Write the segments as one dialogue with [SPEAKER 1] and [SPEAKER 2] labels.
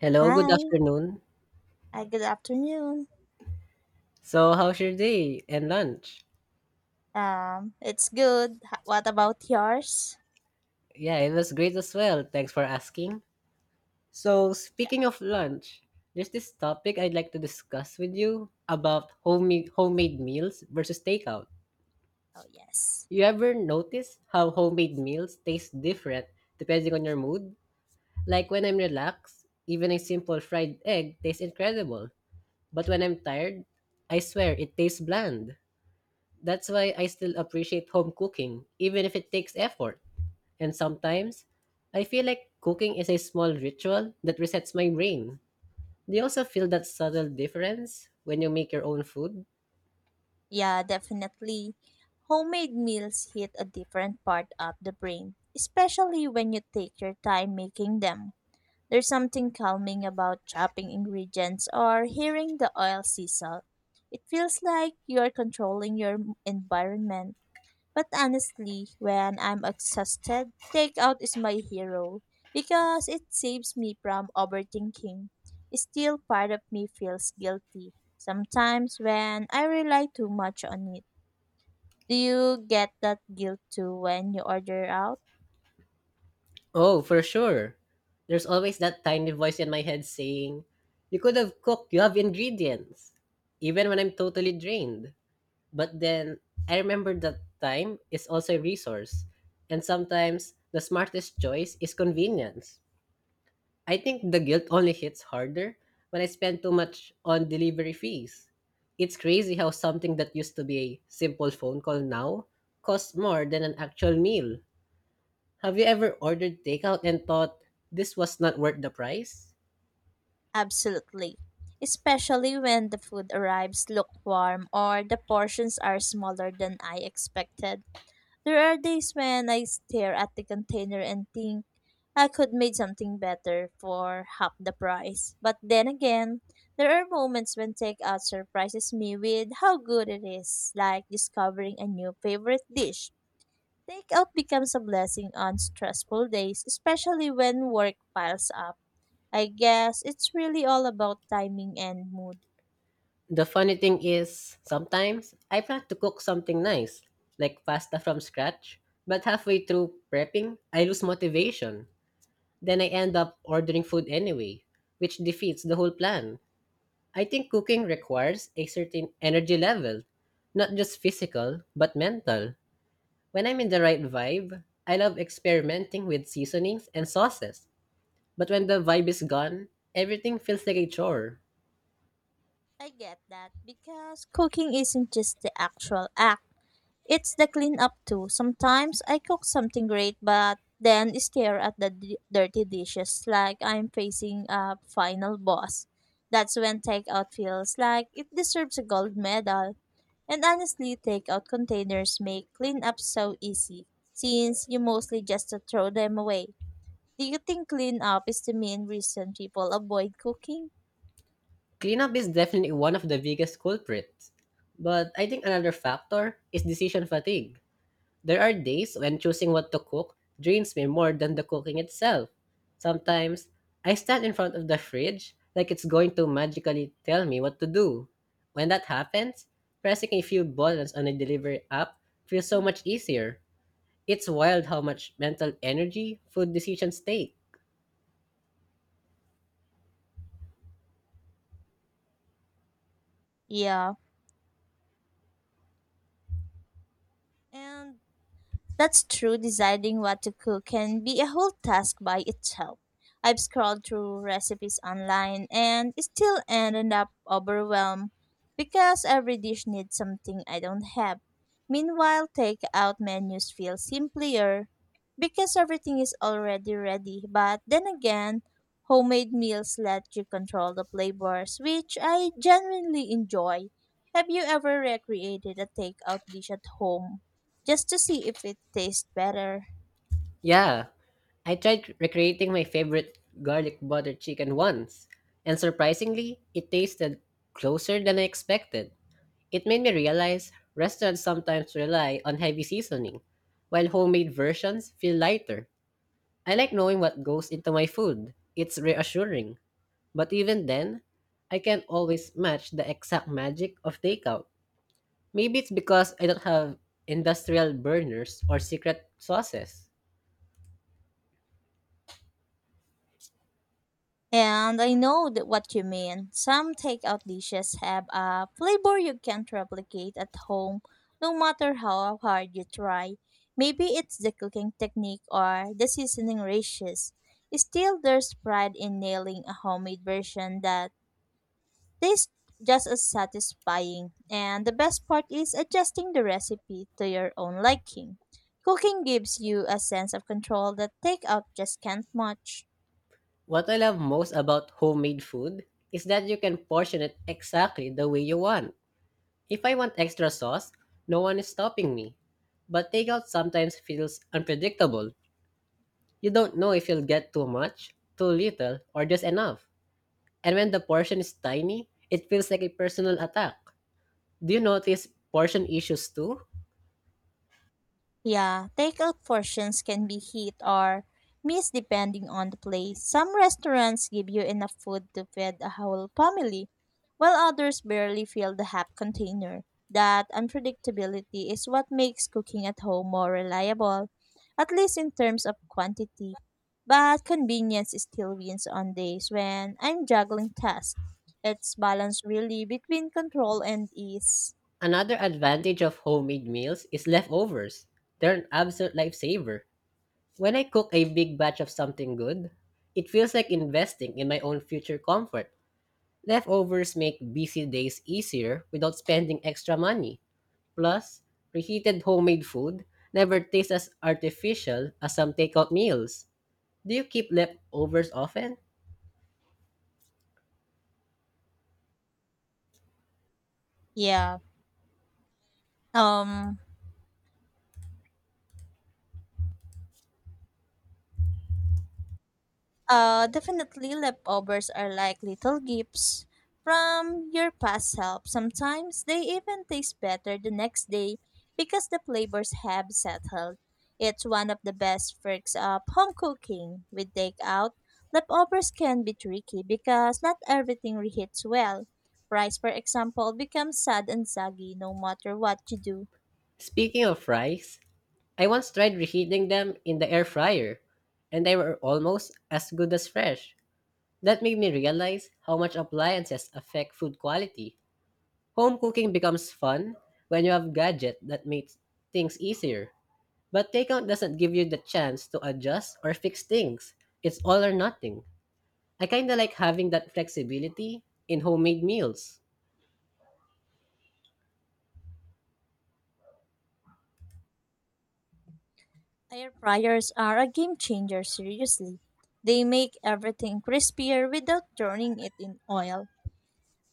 [SPEAKER 1] Hello, good
[SPEAKER 2] Hi.
[SPEAKER 1] afternoon.
[SPEAKER 2] Hi, good afternoon.
[SPEAKER 1] So, how's your day and lunch?
[SPEAKER 2] It's good. What about yours?
[SPEAKER 1] Yeah, it was great as well. Thanks for asking. So,
[SPEAKER 2] Yeah.
[SPEAKER 1] speaking of lunch, there's this topic I'd like to discuss with you about homemade meals versus takeout.
[SPEAKER 2] Oh, yes.
[SPEAKER 1] You ever notice how homemade meals taste different depending on your mood? Like when I'm relaxed, even a simple fried egg tastes incredible. But when I'm tired, I swear it tastes bland. That's why I still appreciate home cooking, even if it takes effort. And sometimes, I feel like cooking is a small ritual that resets my brain. Do you also feel that subtle difference when you make your own food?
[SPEAKER 2] Yeah, definitely. Homemade meals hit a different part of the brain, especially when you take your time making them. There's something calming about chopping ingredients or hearing the oil sizzle. It feels like you're controlling your environment. But honestly, when I'm exhausted, takeout is my hero because it saves me from overthinking. Still, part of me feels guilty sometimes when I rely too much on it. Do you get that guilt too when you order out?
[SPEAKER 1] Oh, for sure. There's always that tiny voice in my head saying, you could have cooked, you have ingredients. Even when I'm totally drained. But then, I remember that time is also a resource. And sometimes, the smartest choice is convenience. I think the guilt only hits harder when I spend too much on delivery fees. It's crazy how something that used to be a simple phone call now costs more than an actual meal. Have you ever ordered takeout and thought this was not worth the price?
[SPEAKER 2] Absolutely. Especially when the food arrives lukewarm or the portions are smaller than I expected. There are days when I stare at the container and think I could make something better for half the price. But then again, there are moments when takeout surprises me with how good it is, like discovering a new favorite dish. Takeout becomes a blessing on stressful days, especially when work piles up. I guess it's really all about timing and mood.
[SPEAKER 1] The funny thing is, sometimes I plan to cook something nice, like pasta from scratch, but halfway through prepping, I lose motivation. Then I end up ordering food anyway, which defeats the whole plan. I think cooking requires a certain energy level, not just physical, but mental. When I'm in the right vibe, I love experimenting with seasonings and sauces. But when the vibe is gone, everything feels like a chore.
[SPEAKER 2] I get that because cooking isn't just the actual act, it's the cleanup too. Sometimes I cook something great but then stare at the dirty dishes like I'm facing a final boss. That's when takeout feels like it deserves a gold medal. And honestly, takeout containers make cleanup so easy since you mostly just throw them away. Do you think cleanup is the main reason people avoid cooking?
[SPEAKER 1] Cleanup is definitely one of the biggest culprits. But I think another factor is decision fatigue. There are days when choosing what to cook drains me more than the cooking itself. Sometimes, I stand in front of the fridge like it's going to magically tell me what to do. When that happens, pressing a few buttons on a delivery app feels so much easier. It's wild how much mental energy food decisions take.
[SPEAKER 2] Yeah. And That's true, deciding what to cook can be a whole task by itself. I've scrolled through recipes online and still ended up overwhelmed because every dish needs something I don't have. Meanwhile, takeout menus feel simpler because everything is already ready. But then again, homemade meals let you control the flavors, which I genuinely enjoy. Have you ever recreated a takeout dish at home, just to see if it tastes better?
[SPEAKER 1] Yeah, I tried recreating my favorite garlic butter chicken once, and surprisingly, it tasted closer than I expected. It made me realize restaurants sometimes rely on heavy seasoning, while homemade versions feel lighter. I like knowing what goes into my food. It's reassuring. But even then, I can't always match the exact magic of takeout. Maybe it's because I don't have industrial burners or secret sauces.
[SPEAKER 2] And I know that what you mean. Some takeout dishes have a flavor you can't replicate at home, no matter how hard you try. Maybe it's the cooking technique or the seasoning ratios. Still, there's pride in nailing a homemade version that tastes just as satisfying. And the best part is adjusting the recipe to your own liking. Cooking gives you a sense of control that takeout just can't match.
[SPEAKER 1] What I love most about homemade food is that you can portion it exactly the way you want. If I want extra sauce, no one is stopping me. But takeout sometimes feels unpredictable. You don't know if you'll get too much, too little, or just enough. And when the portion is tiny, it feels like a personal attack. Do you notice portion issues too?
[SPEAKER 2] Yeah, takeout portions can be hit or miss depending on the place. Some restaurants give you enough food to feed a whole family, while others barely fill the half container. That unpredictability is what makes cooking at home more reliable, at least in terms of quantity. But convenience still wins on days when I'm juggling tasks. It's balance really between control and ease.
[SPEAKER 1] Another advantage of homemade meals is leftovers. They're an absolute lifesaver. When I cook a big batch of something good, it feels like investing in my own future comfort. Leftovers make busy days easier without spending extra money. Plus, preheated homemade food never tastes as artificial as some takeout meals. Do you keep leftovers often?
[SPEAKER 2] Yeah. Um Definitely, leftovers are like little gifts from your past self. Sometimes they even taste better the next day because the flavors have settled. It's one of the best perks of home cooking. With takeout, leftovers can be tricky because not everything reheats well. Rice, for example, becomes sad and soggy no matter what you do.
[SPEAKER 1] Speaking of fries, I once tried reheating them in the air fryer, and they were almost as good as fresh. That made me realize how much appliances affect food quality. Home cooking becomes fun when you have gadgets that make things easier. But takeout doesn't give you the chance to adjust or fix things. It's all or nothing. I kinda like having that flexibility in homemade meals.
[SPEAKER 2] Air fryers are a game changer, seriously. They make everything crispier without turning it in oil.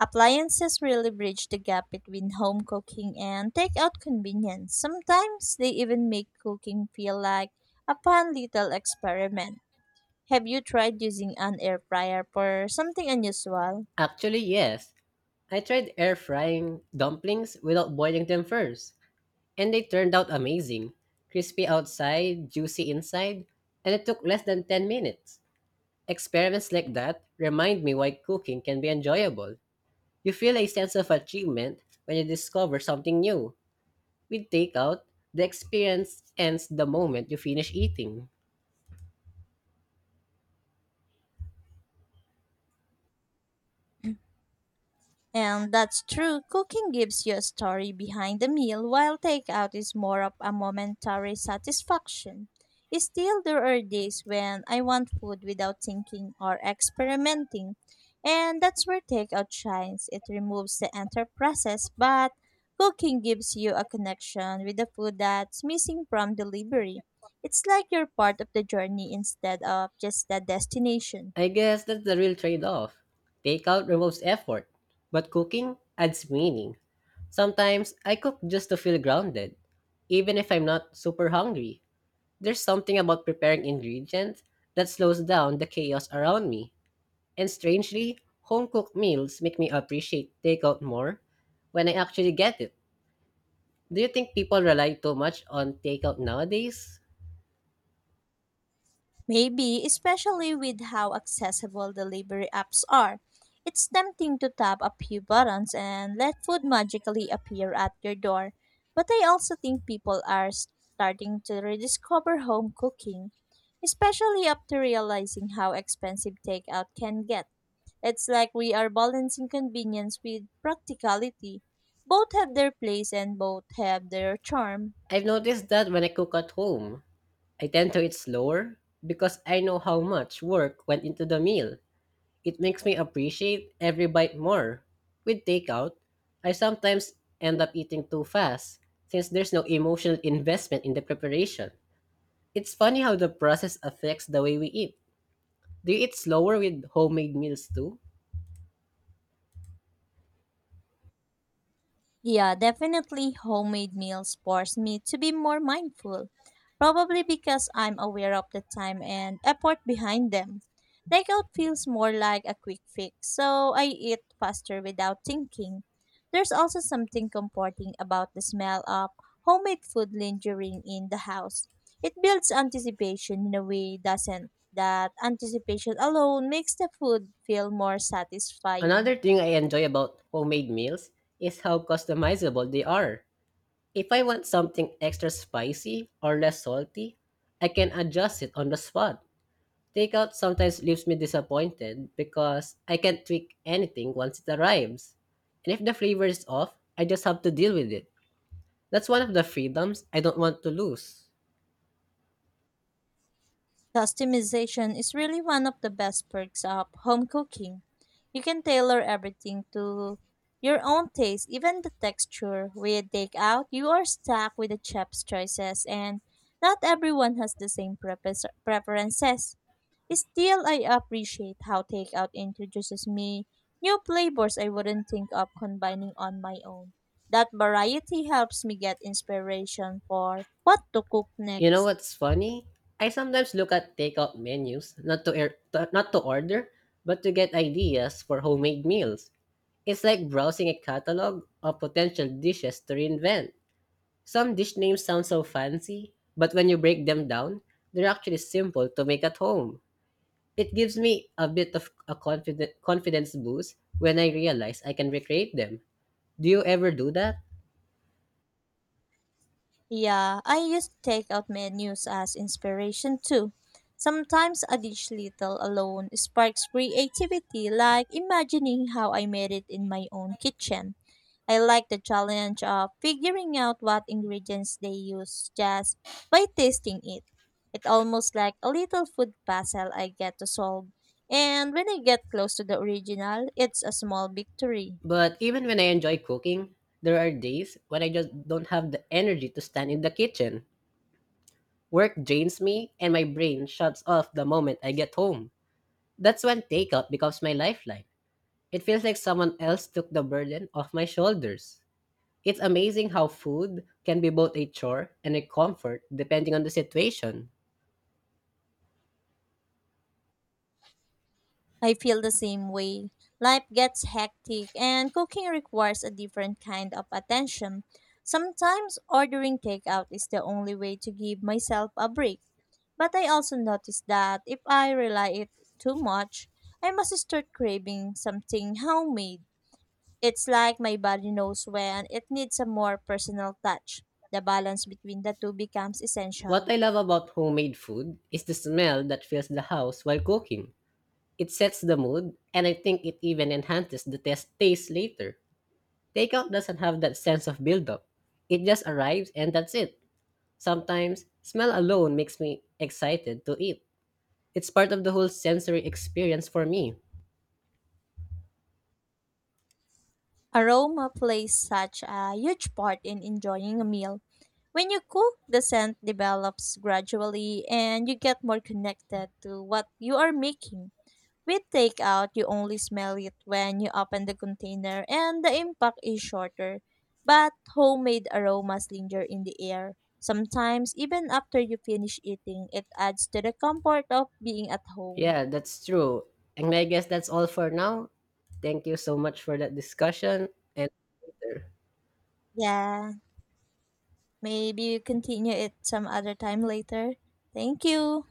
[SPEAKER 2] Appliances really bridge the gap between home cooking and takeout convenience. Sometimes they even make cooking feel like a fun little experiment. Have you tried using an air fryer for something unusual?
[SPEAKER 1] Actually, yes. I tried air frying dumplings without boiling them first, and they turned out amazing. Crispy outside, juicy inside, and it took less than 10 minutes. Experiments like that remind me why cooking can be enjoyable. You feel a sense of achievement when you discover something new. With takeout, the experience ends the moment you finish eating.
[SPEAKER 2] And that's true. Cooking gives you a story behind the meal, while takeout is more of a momentary satisfaction. Still, there are days when I want food without thinking or experimenting, and that's where takeout shines. It removes the entire process, but cooking gives you a connection with the food that's missing from delivery. It's like you're part of the journey instead of just the destination.
[SPEAKER 1] I guess that's the real trade off. Takeout removes effort, but cooking adds meaning. Sometimes I cook just to feel grounded, even if I'm not super hungry. There's something about preparing ingredients that slows down the chaos around me. And strangely, home cooked meals make me appreciate takeout more when I actually get it. Do you think people rely too much on takeout nowadays?
[SPEAKER 2] Maybe, especially with how accessible delivery apps are. It's tempting to tap a few buttons and let food magically appear at your door. But I also think people are starting to rediscover home cooking, especially after realizing how expensive takeout can get. It's like we are balancing convenience with practicality. Both have their place and both have their charm.
[SPEAKER 1] I've noticed that when I cook at home, I tend to eat slower because I know how much work went into the meal. It makes me appreciate every bite more. With takeout, I sometimes end up eating too fast since there's no emotional investment in the preparation. It's funny how the process affects the way we eat. Do you eat slower with homemade meals too?
[SPEAKER 2] Yeah, definitely homemade meals force me to be more mindful, probably because I'm aware of the time and effort behind them. Takeout feels more like a quick fix, so I eat faster without thinking. There's also something comforting about the smell of homemade food lingering in the house. It builds anticipation in a way doesn't that anticipation alone makes the food feel more satisfying.
[SPEAKER 1] Another thing I enjoy about homemade meals is how customizable they are. If I want something extra spicy or less salty, I can adjust it on the spot. Takeout sometimes leaves me disappointed because I can't tweak anything once it arrives. And if the flavor is off, I just have to deal with it. That's one of the freedoms I don't want to lose.
[SPEAKER 2] Customization is really one of the best perks of home cooking. You can tailor everything to your own taste, even the texture. With takeout, you are stuck with the chef's choices, and not everyone has the same preferences. Still, I appreciate how takeout introduces me new flavors I wouldn't think of combining on my own. That variety helps me get inspiration for what to cook
[SPEAKER 1] You know
[SPEAKER 2] next.
[SPEAKER 1] what's funny? I sometimes look at takeout menus not to, air, to not to order, but to get ideas for homemade meals. It's like browsing a catalog of potential dishes to reinvent. Some dish names sound so fancy, but when you break them down, they're actually simple to make at home. It gives me a bit of a confidence boost when I realize I can recreate them. Do you ever do that?
[SPEAKER 2] Yeah, I use takeout menus as inspiration too. Sometimes a dish little alone sparks creativity, like imagining how I made it in my own kitchen. I like the challenge of figuring out what ingredients they use just by tasting it. It's almost like a little food puzzle I get to solve. And when I get close to the original, it's a small victory.
[SPEAKER 1] But even when I enjoy cooking, there are days when I just don't have the energy to stand in the kitchen. Work drains me and my brain shuts off the moment I get home. That's when takeout becomes my lifeline. It feels like someone else took the burden off my shoulders. It's amazing how food can be both a chore and a comfort depending on the situation.
[SPEAKER 2] I feel the same way. Life gets hectic and cooking requires a different kind of attention. Sometimes ordering takeout is the only way to give myself a break. But I also notice that if I rely it too much, I must start craving something homemade. It's like my body knows when it needs a more personal touch. The balance between the two becomes
[SPEAKER 1] What
[SPEAKER 2] essential.
[SPEAKER 1] I love about homemade food is the smell that fills the house while cooking. It sets the mood, and I think it even enhances the taste later. Takeout doesn't have that sense of buildup. It just arrives and that's it. Sometimes, smell alone makes me excited to eat. It's part of the whole sensory experience for me.
[SPEAKER 2] Aroma plays such a huge part in enjoying a meal. When you cook, the scent develops gradually and you get more connected to what you are making. With takeout, you only smell it when you open the container and the impact is shorter. But homemade aromas linger in the air. Sometimes, even after you finish eating, it adds to the comfort of being at home.
[SPEAKER 1] Yeah, that's true. And I guess that's all for now. Thank you so much for that discussion and later.
[SPEAKER 2] Yeah, maybe you continue it some other time later. Thank you.